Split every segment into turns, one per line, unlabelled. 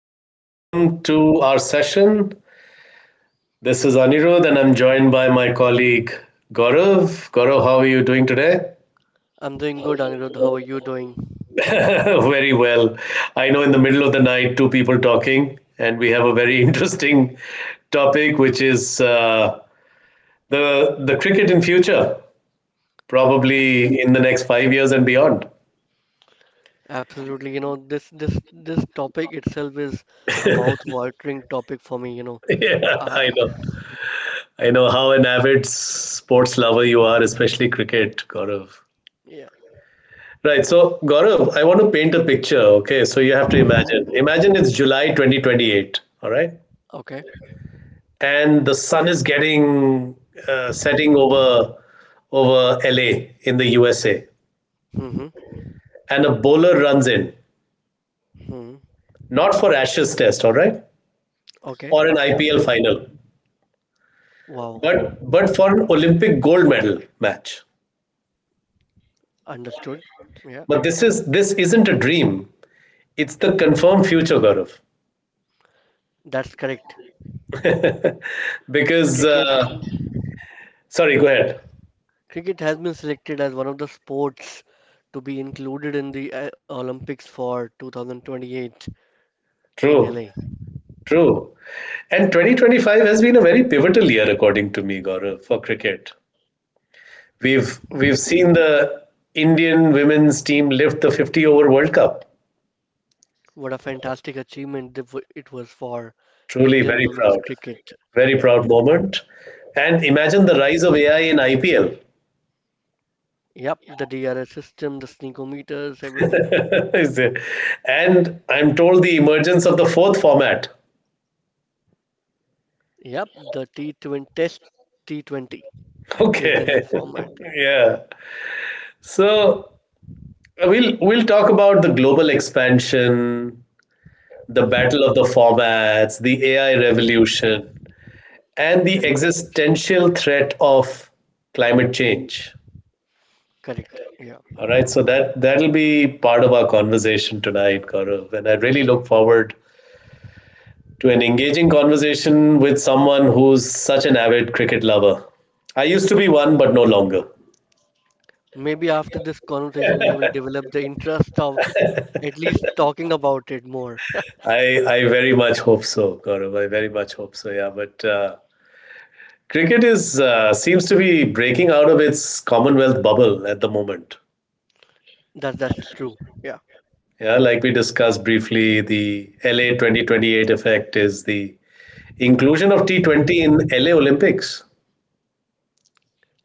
Welcome to our session. This is Anirudh, and I'm joined by my colleague Gaurav. Gaurav, how are you doing today?
I'm doing good, Anirudh. How are you doing?
Very well. I know, in the middle of the night, two people talking, and we have a very interesting topic, which is the the cricket in future, probably in the next 5 years and beyond.
Absolutely. You know, this topic itself is a mouth-watering topic for me.
Yeah, I
Uh,
know. I know how an avid sports lover you are, especially cricket, Gaurav.
yeah.
Right. So, Gaurav, I want to paint a picture. Okay. So, you have to
Hmm.
imagine. Imagine it's July 2028. All right.
Okay.
And the sun is getting setting over over LA in the USA.
Hmm.
And a bowler runs in,
Hmm.
not for Ashes test, all right,
Okay.
or an
Okay.
IPL final,
Wow.
but for an Olympic gold medal match.
Understood. Yeah.
But this is this isn't a dream. It's the confirmed future, Gaurav.
That's correct.
Because
Cricket
sorry, go ahead.
cricket has been selected as one of the sports to be included in the Olympics for 2028 in
True.
LA.
True. And 2025 has been a very pivotal year, according to me, Gaurav, for cricket. We've seen the Indian women's team lift the 50 over World Cup.
What a fantastic achievement it was for
Truly
Indian
very
women's
proud.
cricket.
Very
Yeah.
proud moment. And imagine the rise of AI in IPL.
Yep, the DRS system, the sneakometers, everything.
Is it- and I'm told the emergence of the fourth format.
Yep, the T20 test, T20 is
Okay.
the new format.
Yeah. So we'll talk about the global expansion, the
Hmm.
battle of the formats, the AI revolution, and the
Correct,
existential threat of climate change.
correct. Yeah.
All right, so that that'll be part of our conversation tonight, Gaurav, and I really look forward to an engaging conversation with someone who's such an avid cricket lover. I used to be one, but no longer.
Maybe after this conversation, you will develop the interest of at least talking about it more.
I very much hope so, Gaurav. I very much hope so. Yeah, but. Cricket is seems to be breaking out of its Commonwealth bubble at the moment.
That's true. Yeah.
Yeah, like we discussed briefly, the LA 2028 effect is the inclusion of T20 in LA Olympics.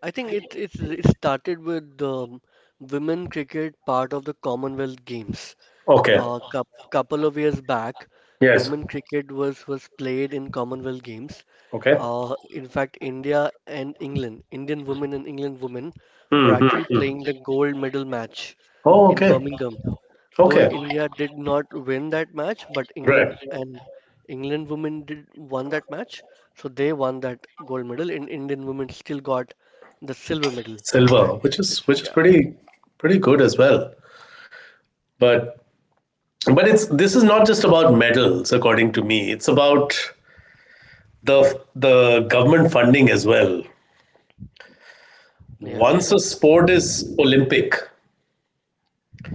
I think it started with the women cricket part of the Commonwealth Games.
Okay.
A couple of years back,
Yes.
women cricket was played in Commonwealth Games.
Okay.
In fact, India and England, Indian women and England women, were
Hmm. Hmm,
actually
hmm.
playing the gold medal match
Oh,
in
okay.
Birmingham. Though
Okay.
India did not win that match, but
Right.
England women did won that match, so they won that gold medal, and Indian women still got the silver medal in
Silver,
that
which
competition.
is
Yeah,
pretty pretty good as well. But but it's this is not just about medals, according to me. It's about the government funding as well.
yeah.
Once a sport is Olympic,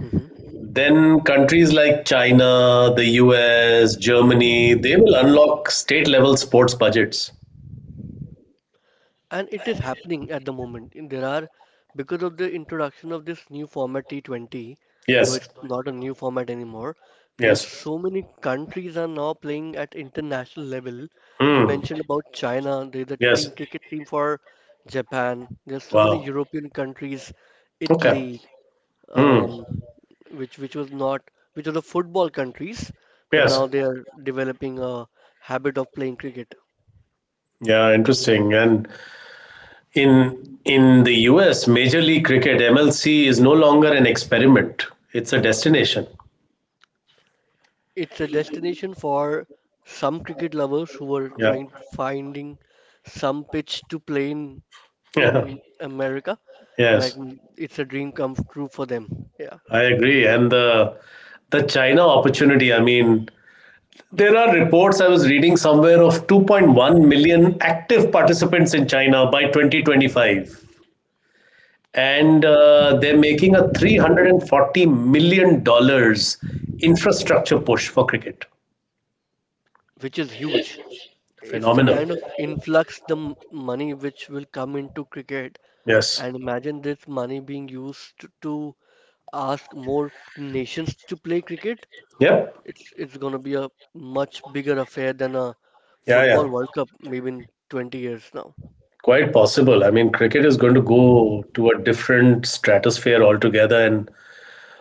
Hmm.
then countries like China, the US, Germany, they will unlock state level sports budgets.
And it is happening at the moment. Because of the introduction of this new format T20,
Yes.
though it's not a new format anymore, there are
Yes.
so many countries are now playing at international level. You
Hmm.
mentioned about China, there's a
Yes.
team cricket team for Japan. There's so many
Wow.
European countries,
Okay.
Italy,
Hmm.
um, which was not which were the football countries, but
Yes.
now they are developing a habit of playing cricket.
Yeah, interesting. And in the US, Major League Cricket (MLC) is no longer an experiment. It's a destination.
It's a destination for some cricket lovers who are
Yeah.
trying finding some pitch to play in
Yeah.
in America, and I
Yes.
think it's a dream come true for them. Yeah,
I agree. And the China opportunity, I mean, there are reports I was reading somewhere of 2.1 million active participants in China by 2025. And they're making a $340 million dollars infrastructure push for cricket.
which is huge. It's the
Phenomenal.
kind of influx money which will come into cricket,
Yes.
and imagine this money being used to ask more nations to play cricket.
Yep.
It's gonna be a much bigger affair than a
Yeah, yeah.
football World Cup maybe in 20 years now.
Quite possible. I mean, cricket is going to go to a different stratosphere altogether. And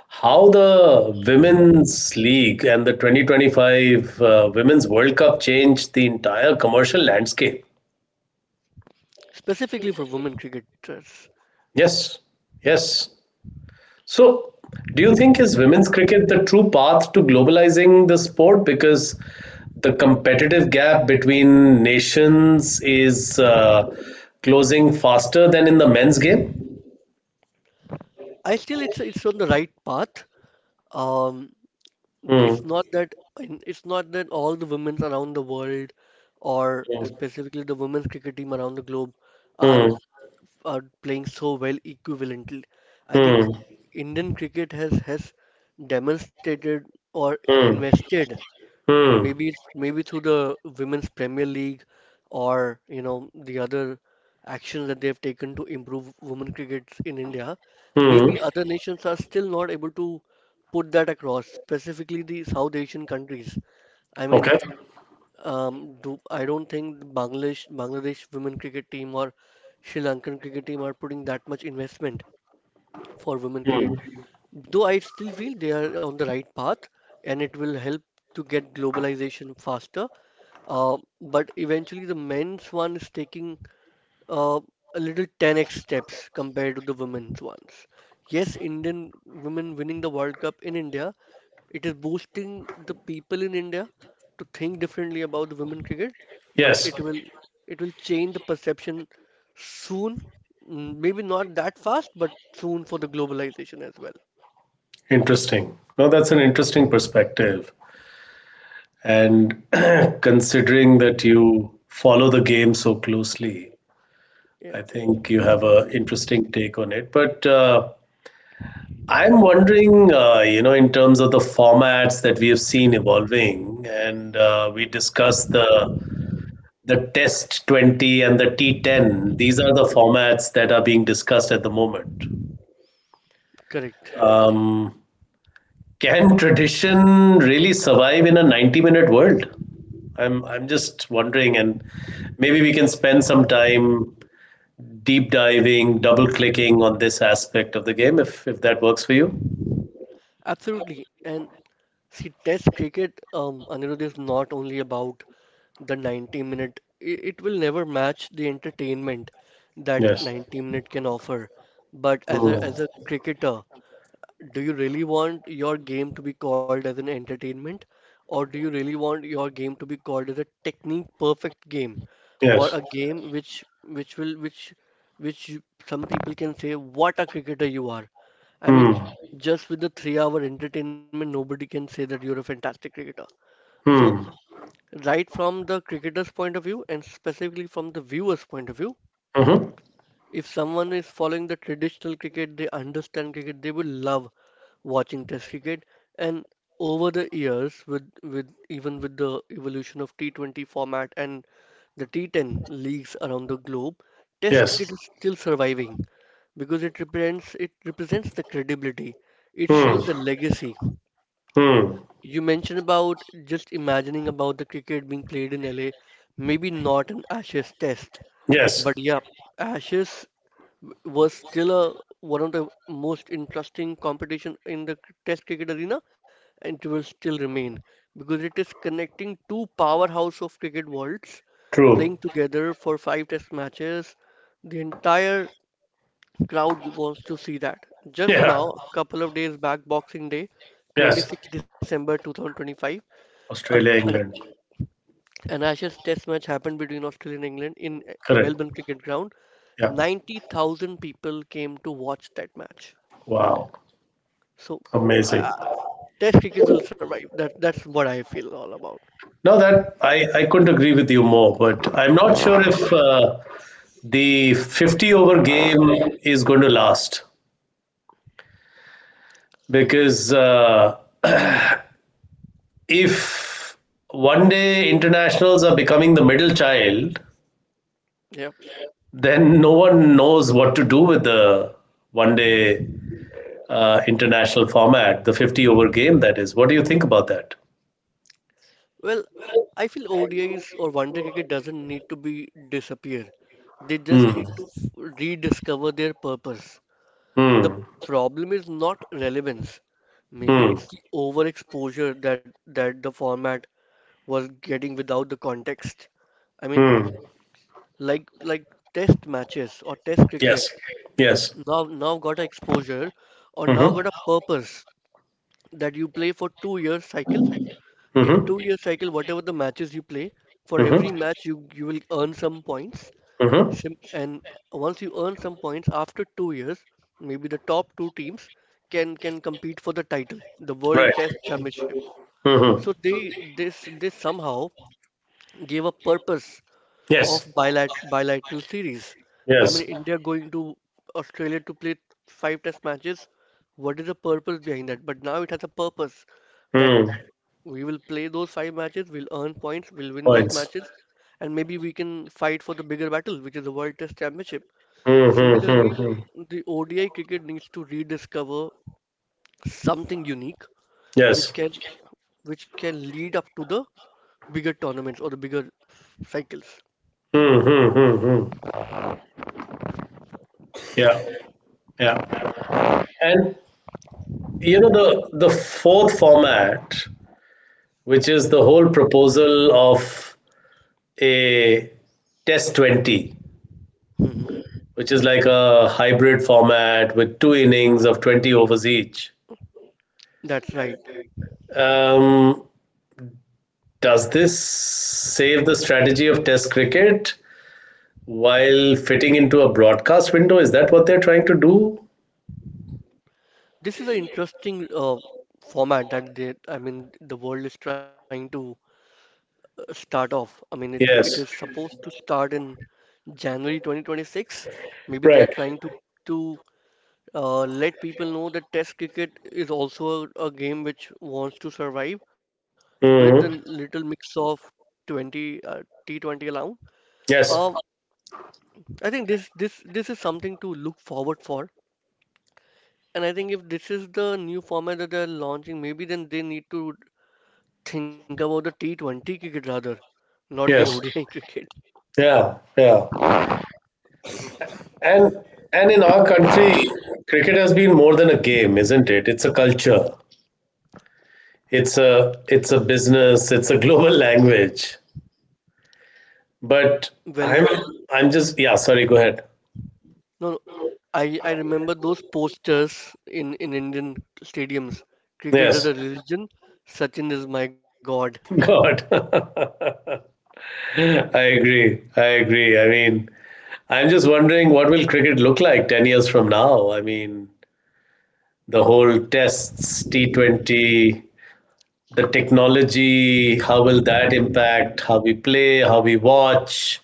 how the women's league and the 2025 women's world cup changed the entire commercial landscape.
Specifically for women cricketers.
Yes. Yes. So do you think is women's cricket the true path to globalizing the sport, because the competitive gap between nations is closing faster than in the men's game?
I still it's on the right path. Um,
Hmm.
it's not that all the women around the world, or
Hmm.
specifically the women's cricket team around the globe, are
Hmm.
are playing so well equivalently. I
Hmm.
think Indian cricket has demonstrated or
Hmm.
invested.
Hmm.
Maybe maybe through the Women's Premier League or the other actions that they have taken to improve women cricket in India,
Hmm.
maybe other nations are still not able to put that across, specifically the South Asian countries. I mean,
Okay.
do I don't think the Bangladesh women cricket team or Sri Lankan cricket team are putting that much investment for women
Hmm.
cricket. Though I still feel they are on the right path and it will help to get globalization faster. But eventually, the men's one is taking uh, a little 10x steps compared to the women's ones. Yes, Indian women winning the World Cup in India, it is boosting the people in India to think differently about the women cricket, but
Yes.
it will change the perception soon. Maybe not that fast, but soon for the globalization as well.
Interesting. No, that's an interesting perspective. And considering that you follow the game so closely,
Yeah.
I think you have an interesting take on it. But I'm wondering, you know, in terms of the formats that we have seen evolving, and we discussed
Mhm.
the Test 20 and the T10. These are the formats that are being discussed at the moment.
Correct.
Um, can tradition really survive in a 90-minute minute world? I'm just wondering, and maybe we can spend some time deep diving, double clicking on this aspect of the game if that works for you.
Absolutely. And see, Test cricket, Anirudh, is not only about the 90 minute. It will never match the entertainment that
Yes.
90-minute can offer, but as a
Hmm.
as a cricketer, do you really want your game to be called as an entertainment, or do you really want your game to be called as a technique perfect game, or
Yes.
a game which will which you- some people can say what a cricketer you are? I
Hmm.
mean, just with the 3-hour entertainment, nobody can say that you're a fantastic cricketer. So
Hmm.
right from the cricketer's point of view and specifically from the viewer's point of view.
Mm-hmm.
If someone is following the traditional cricket, they understand cricket, they will love watching Test cricket. And over the years, with the evolution of T20 format and the T10 leagues around the globe, Test
Yes.
cricket is still surviving because it represents the credibility. It
Hmm.
shows the legacy.
Hmm.
You mentioned about just imagining about the cricket being played in LA. Maybe not an Ashes test,
Yes.
but yeah, Ashes was still one of the most interesting competition in the test cricket arena, and it will still remain because it is connecting two powerhouse of cricket worlds
True.
playing together for five test matches. The entire crowd wants to see that. Just
Yeah.
now, a couple of days back, Boxing Day,
Yes.
26 December 2025, at
Australia,
an
England.
An Ashes Test match happened between Australia and England in
Correct.
Melbourne Cricket Ground.
Yeah.
90,000 people came to watch that match.
Wow.
So, uh,
Amazing.
Test cricket will survive. That's what I feel all about.
No, that I couldn't agree with you more, but I'm not sure if the 50 over game is going to last, because if one-day internationals are becoming the middle child,
Yeah.
then no one knows what to do with the one-day international format, the 50 over game, that is. What do you think about that?
Well, I feel ODIs or one day cricket doesn't need to be disappear. They just
Hmm.
need to rediscover their purpose. The
Hmm.
problem is not relevance. Maybe
Hmm.
it's the overexposure that the format was getting without the context. I mean,
Hmm.
like test matches or test
Yes.
cricket
Yes.
now got a exposure or now
Mm-hmm.
got a purpose that you play for 2 years cycle, in
Mm-hmm.
2 year cycle whatever the matches you play, for
Mm-hmm.
every match you will earn some points.
Mm-hmm.
Sim and once you earn some points after 2 years, maybe the top two teams can compete for the title, the World
Right.
Test Championship.
Hmm.
So they this somehow gave a purpose of
Yes.
bilateral series. I mean,
Yes.
India going to Australia to play five test matches. What is the purpose behind that? But now it has a purpose that
Mm.
we will play those five matches, we'll earn points, we'll win those
Points.
matches, and maybe we can fight for the bigger battle, which is the World Test Championship.
Mm-hmm.
Similarly,
Mm-hmm.
the ODI cricket needs to rediscover something unique
Yes.
which can lead up to the bigger tournaments or the bigger cycles.
Mm-hmm. Mm-hmm. Yeah. Yeah. And you know the fourth format, which is the whole proposal of a test 20,
Mhm.
which is like a hybrid format with two innings of 20 overs each.
That's right.
Um, does this save the strategy of test cricket while fitting into a broadcast window? Is that what they're trying to do?
This is an interesting format that I mean, the world is trying to start off. I mean, it is
Yes.
supposed to start in January 2026. Maybe they are
Right.
trying to to let people know that Test cricket is also a game which wants to survive with the
Hmm.
little mix of 20 T20 allowed.
Yes.
Um, I think this is something to look forward for. And I think if this is the new format that they're launching, maybe then they need to think about the T20 cricket rather, not the
Yes.
ODI cricket.
Yeah. Yeah. And and in our country, cricket has been more than a game, isn't it? It's a culture. It's a business. It's a global language. But
Well,
I'm I'm just yeah. Sorry. Go ahead.
no, no, I remember those posters in Indian stadiums. Cricket is
Yes.
a religion, Sachin is my God.
God. I agree. I agree. I mean, I'm just wondering what will cricket look like 10 years from now? I mean, the whole tests, T20, the technology, how will that impact how we play, how we watch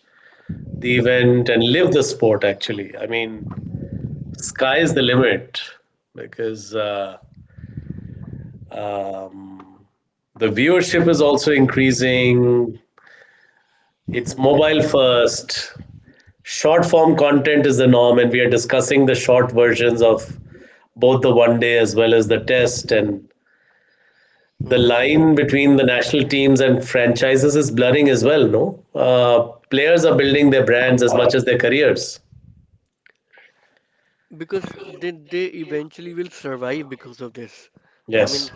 the event and live the sport actually. I mean, sky is the limit, because um, the viewership is also increasing.
Hmm.
It's mobile first. Short form content is the norm, and we are discussing the short versions of both the one-day as well as the test. And the
Hmm.
line between the national teams and franchises is blurring as well, no? Players are building their brands as much as their careers.
Because they eventually will survive because of this. I mean,
Yes.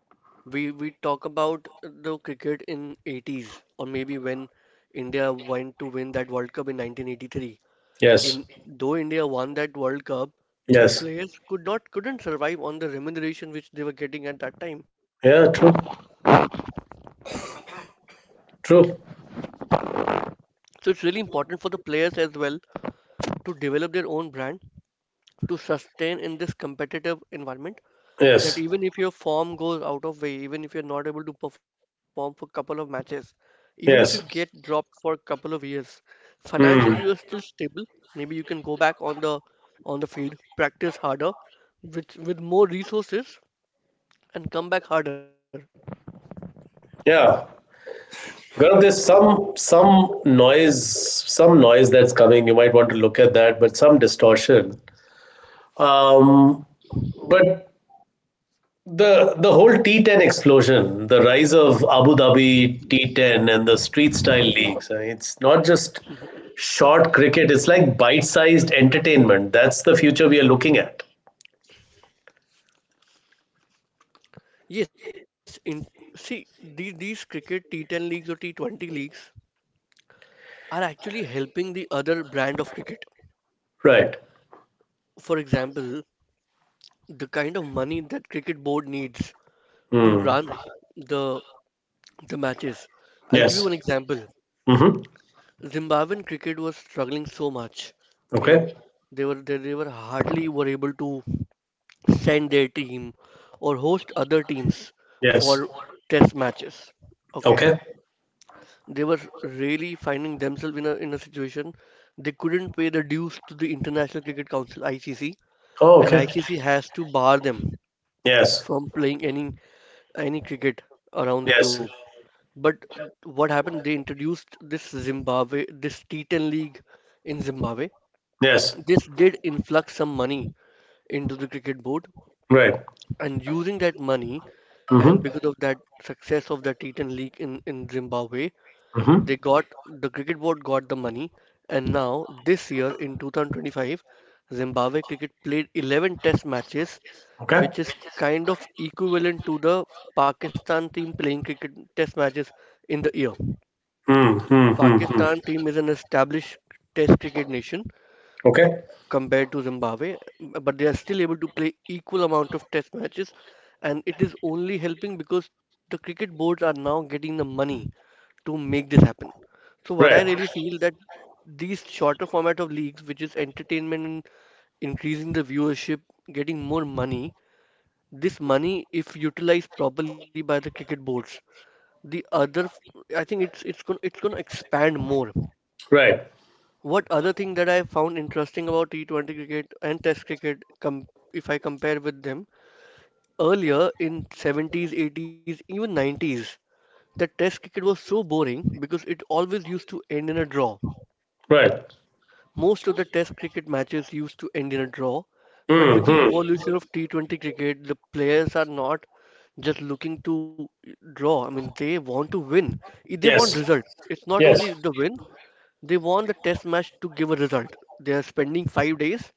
we talk about the cricket in '80s or maybe when India went to win that World Cup in 1983.
Yes.
In Though India won that World Cup, but
Yes.
players couldn't survive on the remuneration which they were getting at that time.
Yeah, true. True.
So it's really important for the players as well to develop their own brand to sustain in this competitive environment, that
Yes.
even if your form goes out of way, even if you're not able to perform for a couple of matches, even if you get
Yes.
dropped for a couple of years, financially you are
Hmm.
still stable. Maybe you can go back on the field, practice harder with more resources and come back harder.
Yeah. Gaurav, there's some noise, some noise that's coming. You might want to look at that, but some distortion, um, but the whole T10 explosion, the rise of Abu Dhabi T10 and the street style leagues. I mean, it's not
Mhm.
just short cricket; it's like bite-sized entertainment. That's the future we are looking at.
Yes, in see these cricket T10 leagues or T20 leagues are actually helping the other brand of cricket.
Right.
For example, the kind of money that cricket board needs to
Hmm.
run the the matches. I'll give you
Yes.
an example.
Mm-hmm.
Zimbabwean cricket was struggling so much, you know,
Okay.
they were they were hardly were able to send their team or host other teams
Yes.
for test matches. Okay.
Okay.
They were really finding themselves in a situation. They couldn't pay the dues to the International Cricket Council (ICC),
Oh,
and
okay.
ICC has to bar them
Yes.
from playing any cricket around the
Yes.
globe. But what happened? They introduced this T10 League in Zimbabwe.
Yes.
This did influx some money into the cricket board,
Right.
and using that money, and
Mm-hmm.
because of that success of the T10 League in Zimbabwe,
Mm-hmm.
The cricket board got the money, and now this year in 2025, Zimbabwe cricket played 11 test matches,
Okay.
which is kind of equivalent to the Pakistan team playing cricket test matches in the year.
Mm-hmm.
Pakistan team is an established test cricket nation
Okay.
compared to Zimbabwe, but they are still able to play equal amount of test matches, and it is only helping because the cricket boards are now getting the money to make this happen. So what I
Right.
really feel that these shorter format of leagues, which is entertainment and increasing the viewership, getting more money, this money, if utilized properly by the cricket boards, the other, f- I think it's going to expand more.
Right.
What other thing that I found interesting about T20 cricket and Test cricket, com if I compare with them, earlier in 70s, 80s, even 90s, the Test cricket was so boring because it always used to end in a draw.
Right.
Most of the Test cricket matches used to end in a draw, but with the
Mm-hmm.
evolution of T20 cricket, the players are not just looking to draw. I mean, they want to win. They want
Yes.
result. It's not
Yes,
only the win, they want the Test match to give a result. They are spending 5 days,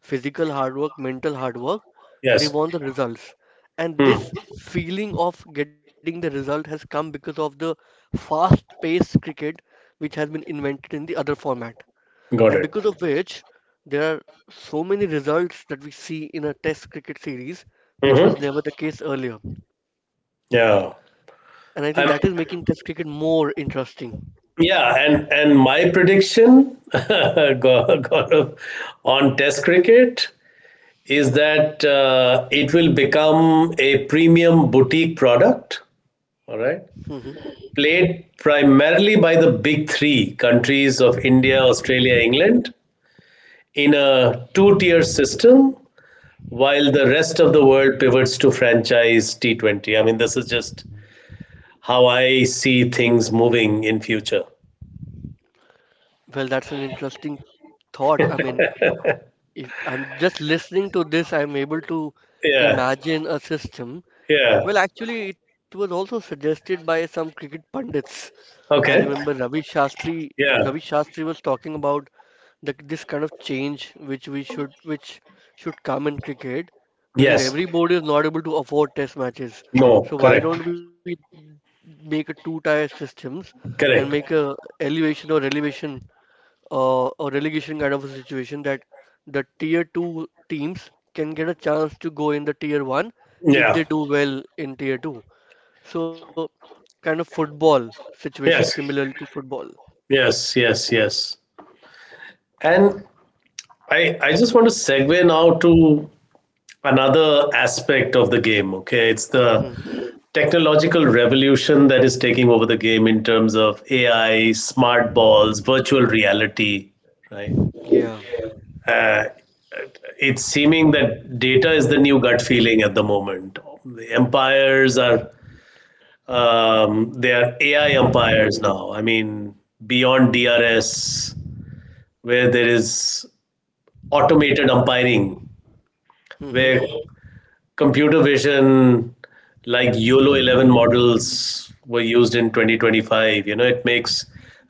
physical hard work, mental hard work. They
yes.
want the results. And
Hmm,
this feeling of getting the result has come because of the fast-paced cricket which has been invented in the other format, and
got it.
because of which there are so many results that we see in a test cricket series, which
Hmm.
was never the case earlier,
Yeah.
and I think that is
I'm,
making test cricket more interesting.
yeah, and my prediction on Test cricket is that it will become a premium boutique product. All right,
Hmm.
played primarily by the big three countries of India, Australia, England in a two-tier system, while the rest of the world pivots to franchise T20. I mean, this is just how I see things moving in future.
Well, that's an interesting thought. I mean, if I'm just listening to this, I'm able to
Yeah.
imagine a system.
Yeah.
Well, actually, it was also suggested by some cricket pundits. I remember
Okay.
Ravi Shastri. ravi
Yeah.
shastri was talking about this kind of change which we should come in cricket because
Yes.
every board is not able to afford test matches.
No.
So why
Correct.
don't we make a two-tier systems and make
Correct.
a elevation or relegation kind of a situation that the tier two teams can get a chance to go in the tier one if
Yeah.
they do well in tier two. So kind of football situation similar
Yes.
to football.
Yes. Yes. Yes. And I just want to segue now to another aspect of the game. Okay, it's the
Hmm.
technological revolution that is taking over the game in terms of AI, smart balls, virtual reality, right?
Yeah.
Uh, it's seeming that data is the new gut feeling at the moment. The empires are they are AI empires now. I mean, beyond DRS, where there is automated umpiring,
Hmm. Hmm.
where computer vision like YOLO 11 models were used in 2025. You know, it makes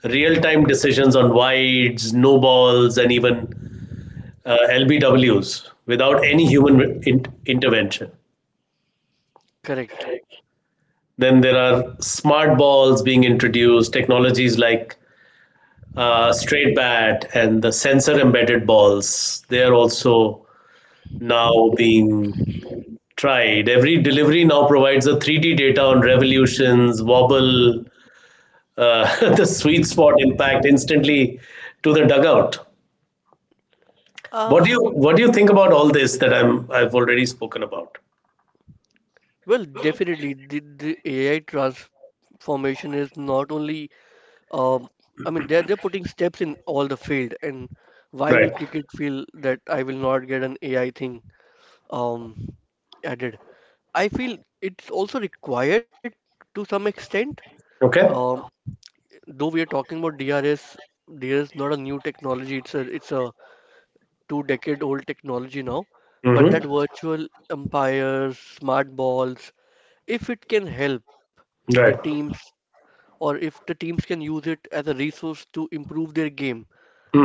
real time decisions on wides, no balls, and even LBWs without any human intervention.
Correct.
Then there are smart balls being introduced, technologies like straight bat and the sensor embedded balls. They are also now being tried. Every delivery now provides a 3D data on revolutions, wobble, the sweet spot impact instantly to the dugout.
Um,
What do you think about all this that I've already spoken about?
Well, definitely, the AI transformation is not only, um, I mean, they're putting steps in all the field, and why will
Right.
cricket feel that I will not get an AI thing, um, added? I feel it's also required to some extent.
Okay.
Um, though we are talking about DRS, DRS is not a new technology. It's a two-decade-old technology now, but
Mm-hmm.
that virtual umpires, smart balls, if it can help the
Right.
teams, or if the teams can use it as a resource to improve their game,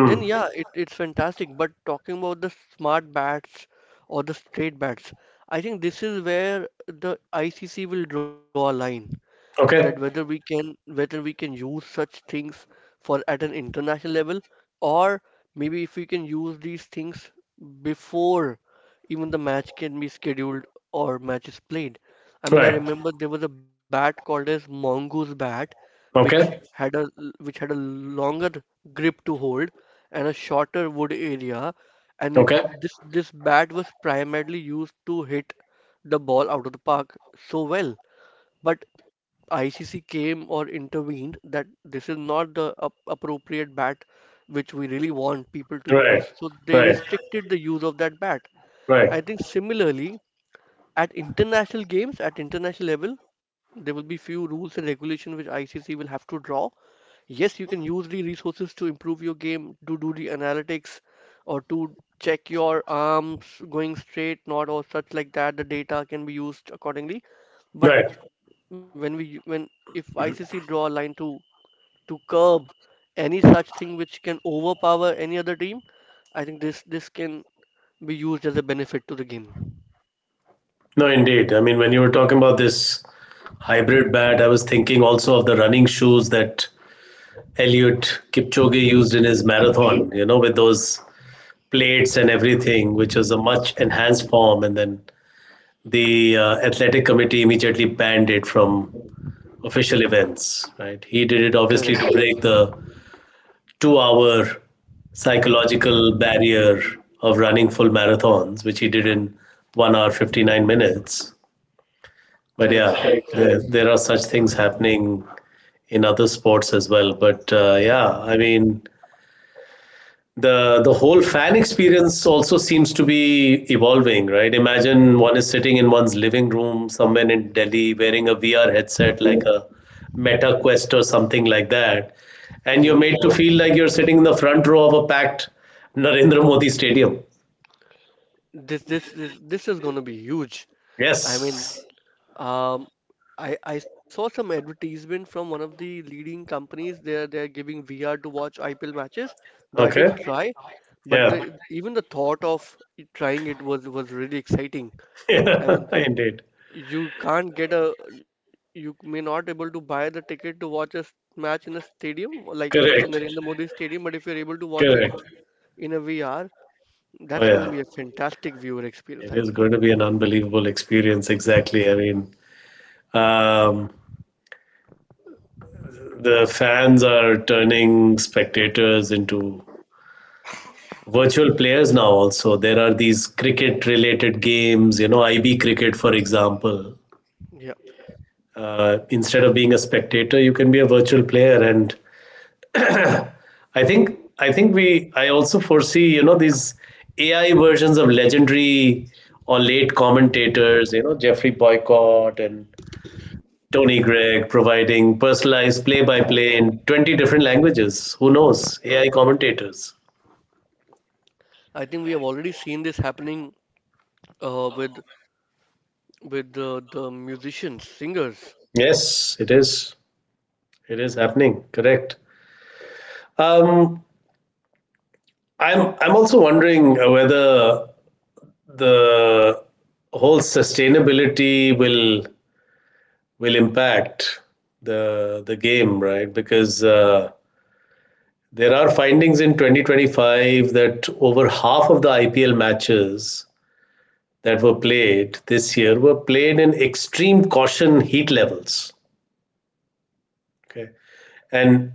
then yeah, it's fantastic. But talking about the smart bats or the straight bats, I think this is where the ICC will draw a line, that
Okay.
whether we can use such things for at an international level, or maybe if we can use these things before even the match can be scheduled or match is played. I mean, I
Right.
remember there was a bat called as mongoose bat, which
Okay.
had a which had a longer grip to hold and a shorter wood area, and it
Okay.
this this bat was primarily used to hit the ball out of the park so well. But ICC came or intervened that this is not the appropriate bat which we really want people to
Right,
use. So they
right,
restricted the use of that bat. I
right,
think similarly, at international games, at international level, there will be few rules and regulation which ICC will have to draw. Yes, you can use the resources to improve your game, to do the analytics, or to check your arms going straight, not or such like that. The data can be used accordingly. But
right.
when we when if ICC draw a line to curb any such thing which can overpower any other team, I think this this can be used as a benefit to the game.
No, indeed. I mean, when you were talking about this hybrid bat, I was thinking also of the running shoes that Eliud Kipchoge used in his marathon, you know, with those plates and everything, which was a much enhanced form. And then the athletic committee immediately banned it from official events, right? He did it
Correct,
obviously to break the two-hour psychological barrier of running full marathons, which he did in 1 hour, 59 minutes. But yeah,
correct, correct.
there are such things happening in other sports as well. But yeah, I mean, the whole fan experience also seems to be evolving, right? Imagine one is sitting in one's living room somewhere in Delhi wearing a VR headset like a Meta Quest or something like that, and
Yep.
you're made to feel like you're sitting in the front row of a packed Narendra Modi Stadium.
This is gonna be huge. I mean,
Yes.
um, I saw some advertisement from one of the leading companies. They're giving VR to watch IPL matches, though I
Okay.
didn't try, but
Yeah.
the even the thought of trying it was really exciting. I mean,
Yeah, indeed.
You can't get a you may not able to buy the ticket to watch a match in a stadium, like you mentioned
Correct.
Narendra Modi Stadium, but if you're able to watch it
Correct.
in a VR,
Oh
that's going to
yeah.
be a fantastic viewer experience,
It
I
is
believe.
going to be an unbelievable experience, exactly. I mean, um the fans are turning spectators into virtual players now, also. There are these cricket related games, you know, IB cricket, for example.
Yeah,
Instead of being a spectator, you can be a virtual player. And I also foresee, these AI versions of legendary or late commentators, you know, Jeffrey Boycott and Tony Gregg providing personalized play by play in 20 different languages. Who knows? AI commentators.
I think we have already seen this happening, with the musicians, singers.
Yes, it is. It is happening. Correct. Um, I'm also wondering whether the whole sustainability will impact the game, right? Because there are findings in 2025 that over half of the IPL matches that were played this year were played in extreme caution heat levels. Okay, and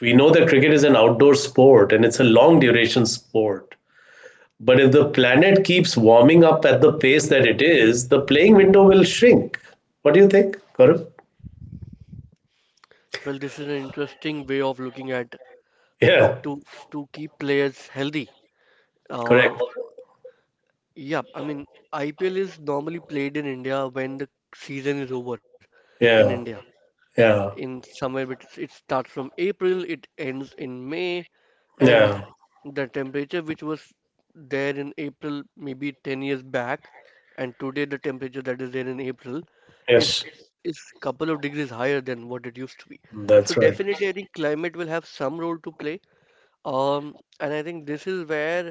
we know that cricket is an outdoor sport and it's a long duration sport. But if the planet keeps warming up at the pace that it is, the playing window will shrink. What do you think, Gaurav?
Well, this is an interesting way of looking at
Yeah,
to to keep players healthy.
correct.
Or yeah, I mean IPL is normally played in India when the season is over in India.
Yeah, yeah,
In somewhere it starts from April, it ends in May, and
yeah.
the temperature which was there in April maybe 10 years back, and today the temperature that is there in April
Yes,
is couple of degrees higher than what it used to be. So
that's right.
definitely, I think climate will have some role to play. And I think this is where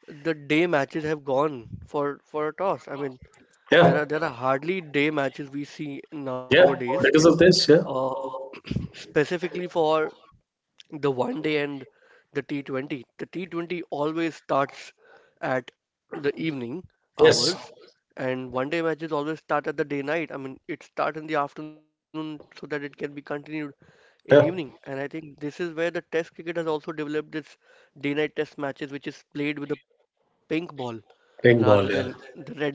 the day matches have gone for a toss. I mean, there
Yeah,
are hardly day matches we see
yeah.
nowadays.
Because of this, yeah.
Uh, specifically for the one day and the T20. The T20 always starts at the evening
Yes,
hours, and one day matches always start at the day night. I mean, it starts in the afternoon so that it can be continued in evening.
yeah.
And I think this is where the Test cricket has also developed this day night Test matches, which is played with the pink ball rather
Pink
than
ball, yeah.
the red ball.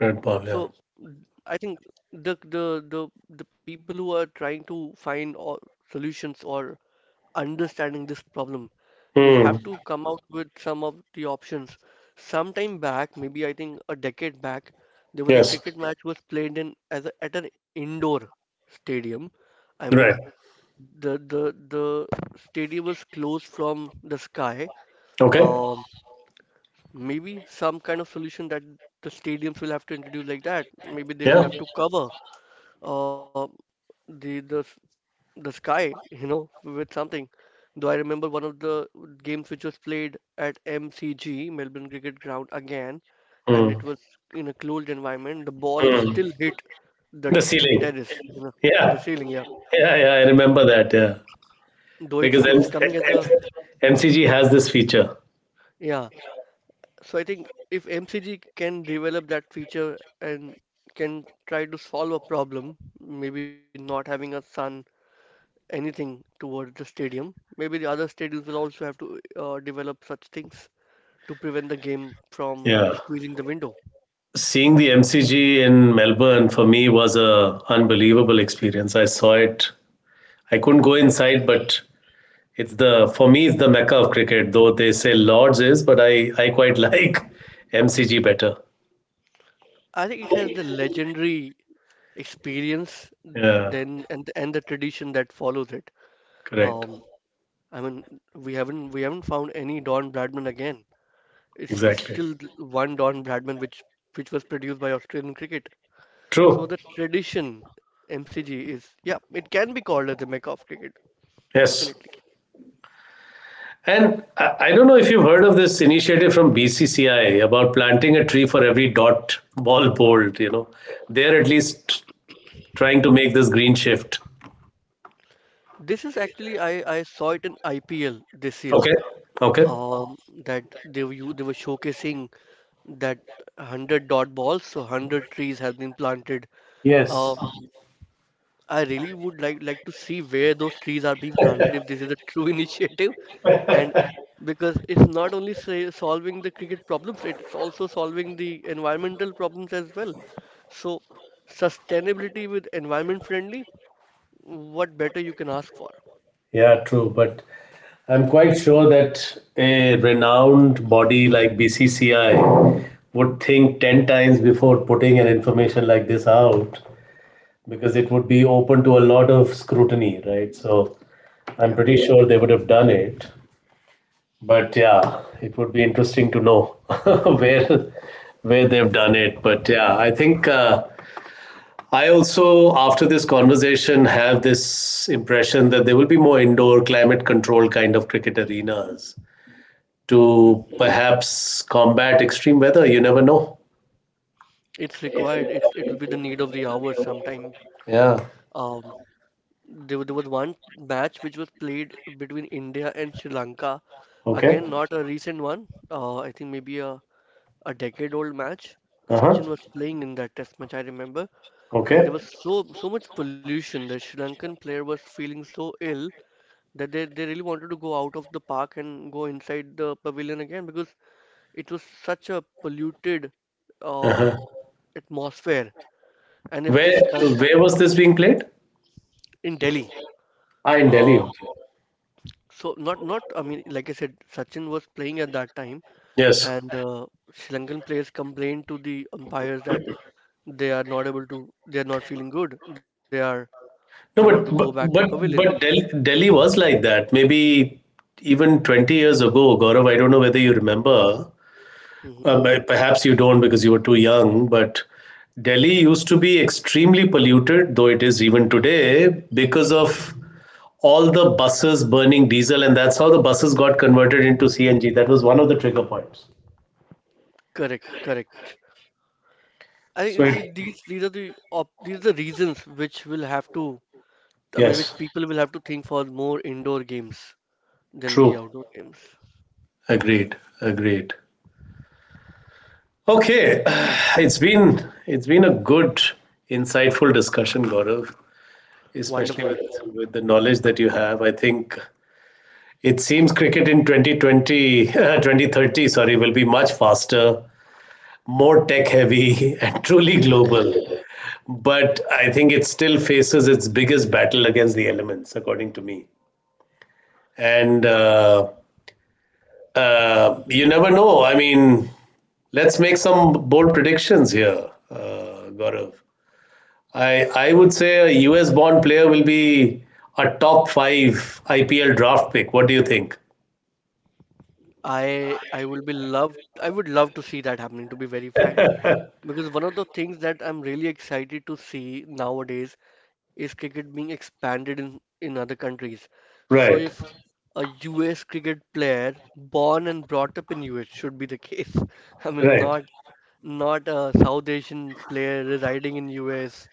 Red ball,
So
yeah.
I think the people who are trying to find or solutions or understanding this problem. We'll
Hmm.
have to come out with some of the options. Sometime back, maybe I think a decade back, there
Yes.
was a cricket match was played in at an indoor stadium. I
Right.
mean, the stadium was closed from the sky.
Okay.
Um, Maybe some kind of solution that the stadiums will have to introduce like that. Maybe they
Yeah.
will have to cover, uh, the the the sky, you know, with something. Though I remember one of the games which was played at MCG, Melbourne Cricket Ground again, and
Hmm.
it was in a closed environment. The ball
Hmm.
still hit the
The
terrace,
ceiling.
you know, the ceiling,
Yeah.
yeah.
Yeah, yeah, I remember that. Yeah,
Though
because
it's coming as a
MCG has this feature.
yeah. So I think if MCG can develop that feature and can try to solve a problem, maybe not having a sun anything towards the stadium, maybe the other stadiums will also have to, develop such things to prevent the game from
Yeah,
squeezing the window.
seeing the MCG in Melbourne for me was a unbelievable experience. I saw it. I couldn't go inside, but it's the for me it's the mecca of cricket. Though they say Lords is, but I quite like MCG better.
I think it has the legendary experience
Yeah,
then, and the tradition that follows it.
correct.
Um, I mean, we haven't found any Don Bradman again. It's it's
Exactly.
still th- one Don Bradman which was produced by Australian cricket.
True.
So the tradition MCG is yeah, it can be called as the Mecca of cricket,
Yes.
definitely.
And I don't know if you've heard of this initiative from BCCI about planting a tree for every dot ball bowled. You know, they're at least trying to make this green shift.
This is actually I saw it in IPL this year.
Okay. Okay.
Um, that they were showcasing that 100 dot balls, so 100 trees have been planted.
Yes.
Uh, I really would like to see where those trees are being planted if this is a true initiative, and because it's not only say, solving the cricket problems, it's also solving the environmental problems as well. So sustainability with environment friendly, what better you can ask for?
Yeah, true. But I'm quite sure that a renowned body like BCCI would think 10 times before putting an information like this out because it would be open to a lot of scrutiny, right? So
Yeah.
I'm pretty sure they would have done it. But yeah, it would be interesting to know where where they've done it. But yeah, I think I also after this conversation have this impression that there will be more indoor climate control kind of cricket arenas
Hmm.
to perhaps combat extreme weather. You never know.
It's required. It will be the need of the hour sometime.
Yeah.
Um, there was one match which was played between India and Sri Lanka.
Okay.
Again, not a recent one. I think maybe a decade old match.
Uh huh.
Sachin was playing in that test match, I remember. And there
Okay.
was so much pollution. The Sri Lankan player was feeling so ill that they really wanted to go out of the park and go inside the pavilion again because it was such a polluted, uh,
Uh-huh.
atmosphere. And if
Where
this can
where was this being played?
in Delhi,
Ah, in
um,
Delhi. Okay.
so not not I mean like I said Sachin was playing at that time,
Yes.
and Sri Lankan players complained to the umpires that they are not feeling good, they are they want to
No,
go
but
back to
but but
pavilion.
but Delhi was like that. Maybe even 20 years ago, Gaurav, I don't know whether you remember.
Hmm.
Perhaps you don't because you were too young, but Delhi used to be extremely polluted, though it is even today, because of all the buses burning diesel, and that's how the buses got converted into CNG. That was one of the trigger points.
Correct, correct.
So it,
These are the op these are the reasons which will have to, I mean,
yes,
which people will have to think for more indoor games than the
true.
outdoor games.
Agreed. Agreed. Okay, it's been a good, insightful discussion, Gaurav.
Wonderful.
Especially with the knowledge that you have, I think it seems cricket in 2020 2030 sorry, will be much faster, more tech heavy, and truly global. But I think it still faces its biggest battle against the elements, according to me. And you never know. I mean, let's make some bold predictions here, Gaurav. I would say a US born player will be a top five IPL draft pick. What do you think?
I I will be loved I would love to see that happening, to be very frank. Because one of the things that I'm really excited to see nowadays is cricket being expanded in other countries. So
Right,
if a US cricket player born and brought up in US should be the case. I mean,
right.
not not a South Asian player residing in US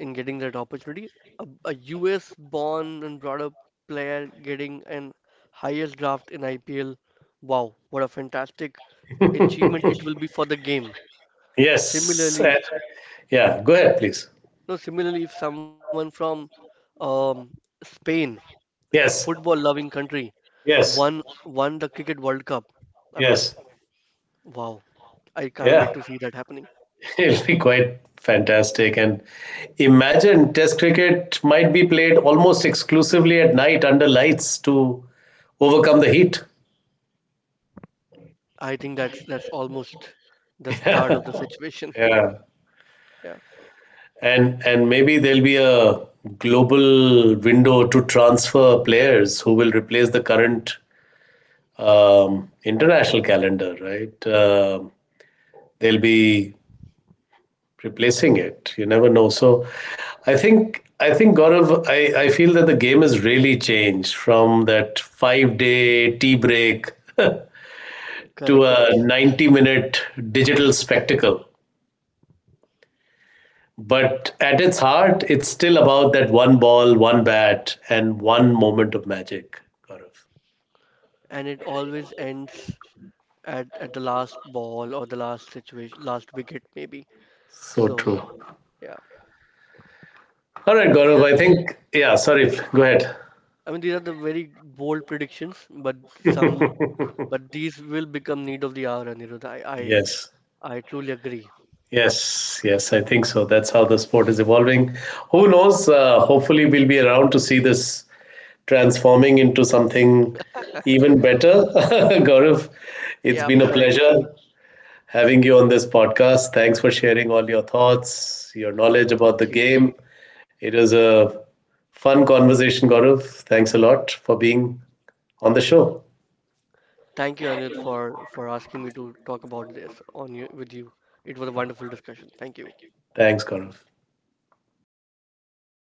and getting that opportunity. A US born and brought up player getting an highest draft in IPL. Wow, what a fantastic achievement it will be for the game.
Yes.
Similarly,
Yeah, go ahead, please.
no, similarly, if someone from, um, Spain, a
Yes,
football-loving country,
yes,
won the Cricket World Cup, I mean,
yes.
wow, I can't
Yeah,
wait to see that happening.
it'll be quite fantastic. And imagine Test cricket might be played almost exclusively at night under lights to overcome the heat.
I think that's almost the start of the situation.
Yeah,
Yeah,
and maybe there'll be a global window to transfer players who will replace the current international calendar, right? Um, they'll be replacing it. You never know. So, I think Gaurav, I feel that the game has really changed from that 5 day tea break to
correct.
a 90 minute digital spectacle. But at its heart, it's still about that one ball, one bat, and one moment of magic, Gaurav.
And it always ends at the last ball or the last situation, last wicket maybe.
So
So
true.
yeah,
All right,
these are
Gaurav, I think, yeah, sorry, go ahead.
I mean these are the very bold predictions, but some but these will become need of the hour, Anirudh. I
Yes,
I truly agree.
yes, yes, I think so. That's how the sport is evolving. Who knows? Hopefully, we'll be around to see this transforming into something even better. Gaurav, it's been
Yep.
a
Correct.
pleasure having you on this podcast. Thanks for sharing all your thoughts, your knowledge about the
Thank you.
game. It was a fun conversation, Gaurav. Thanks a lot for being on the show.
Thank you, Anil, for asking me to talk about this on you with you. It was a wonderful discussion. Thank you.
Thanks, Gaurav.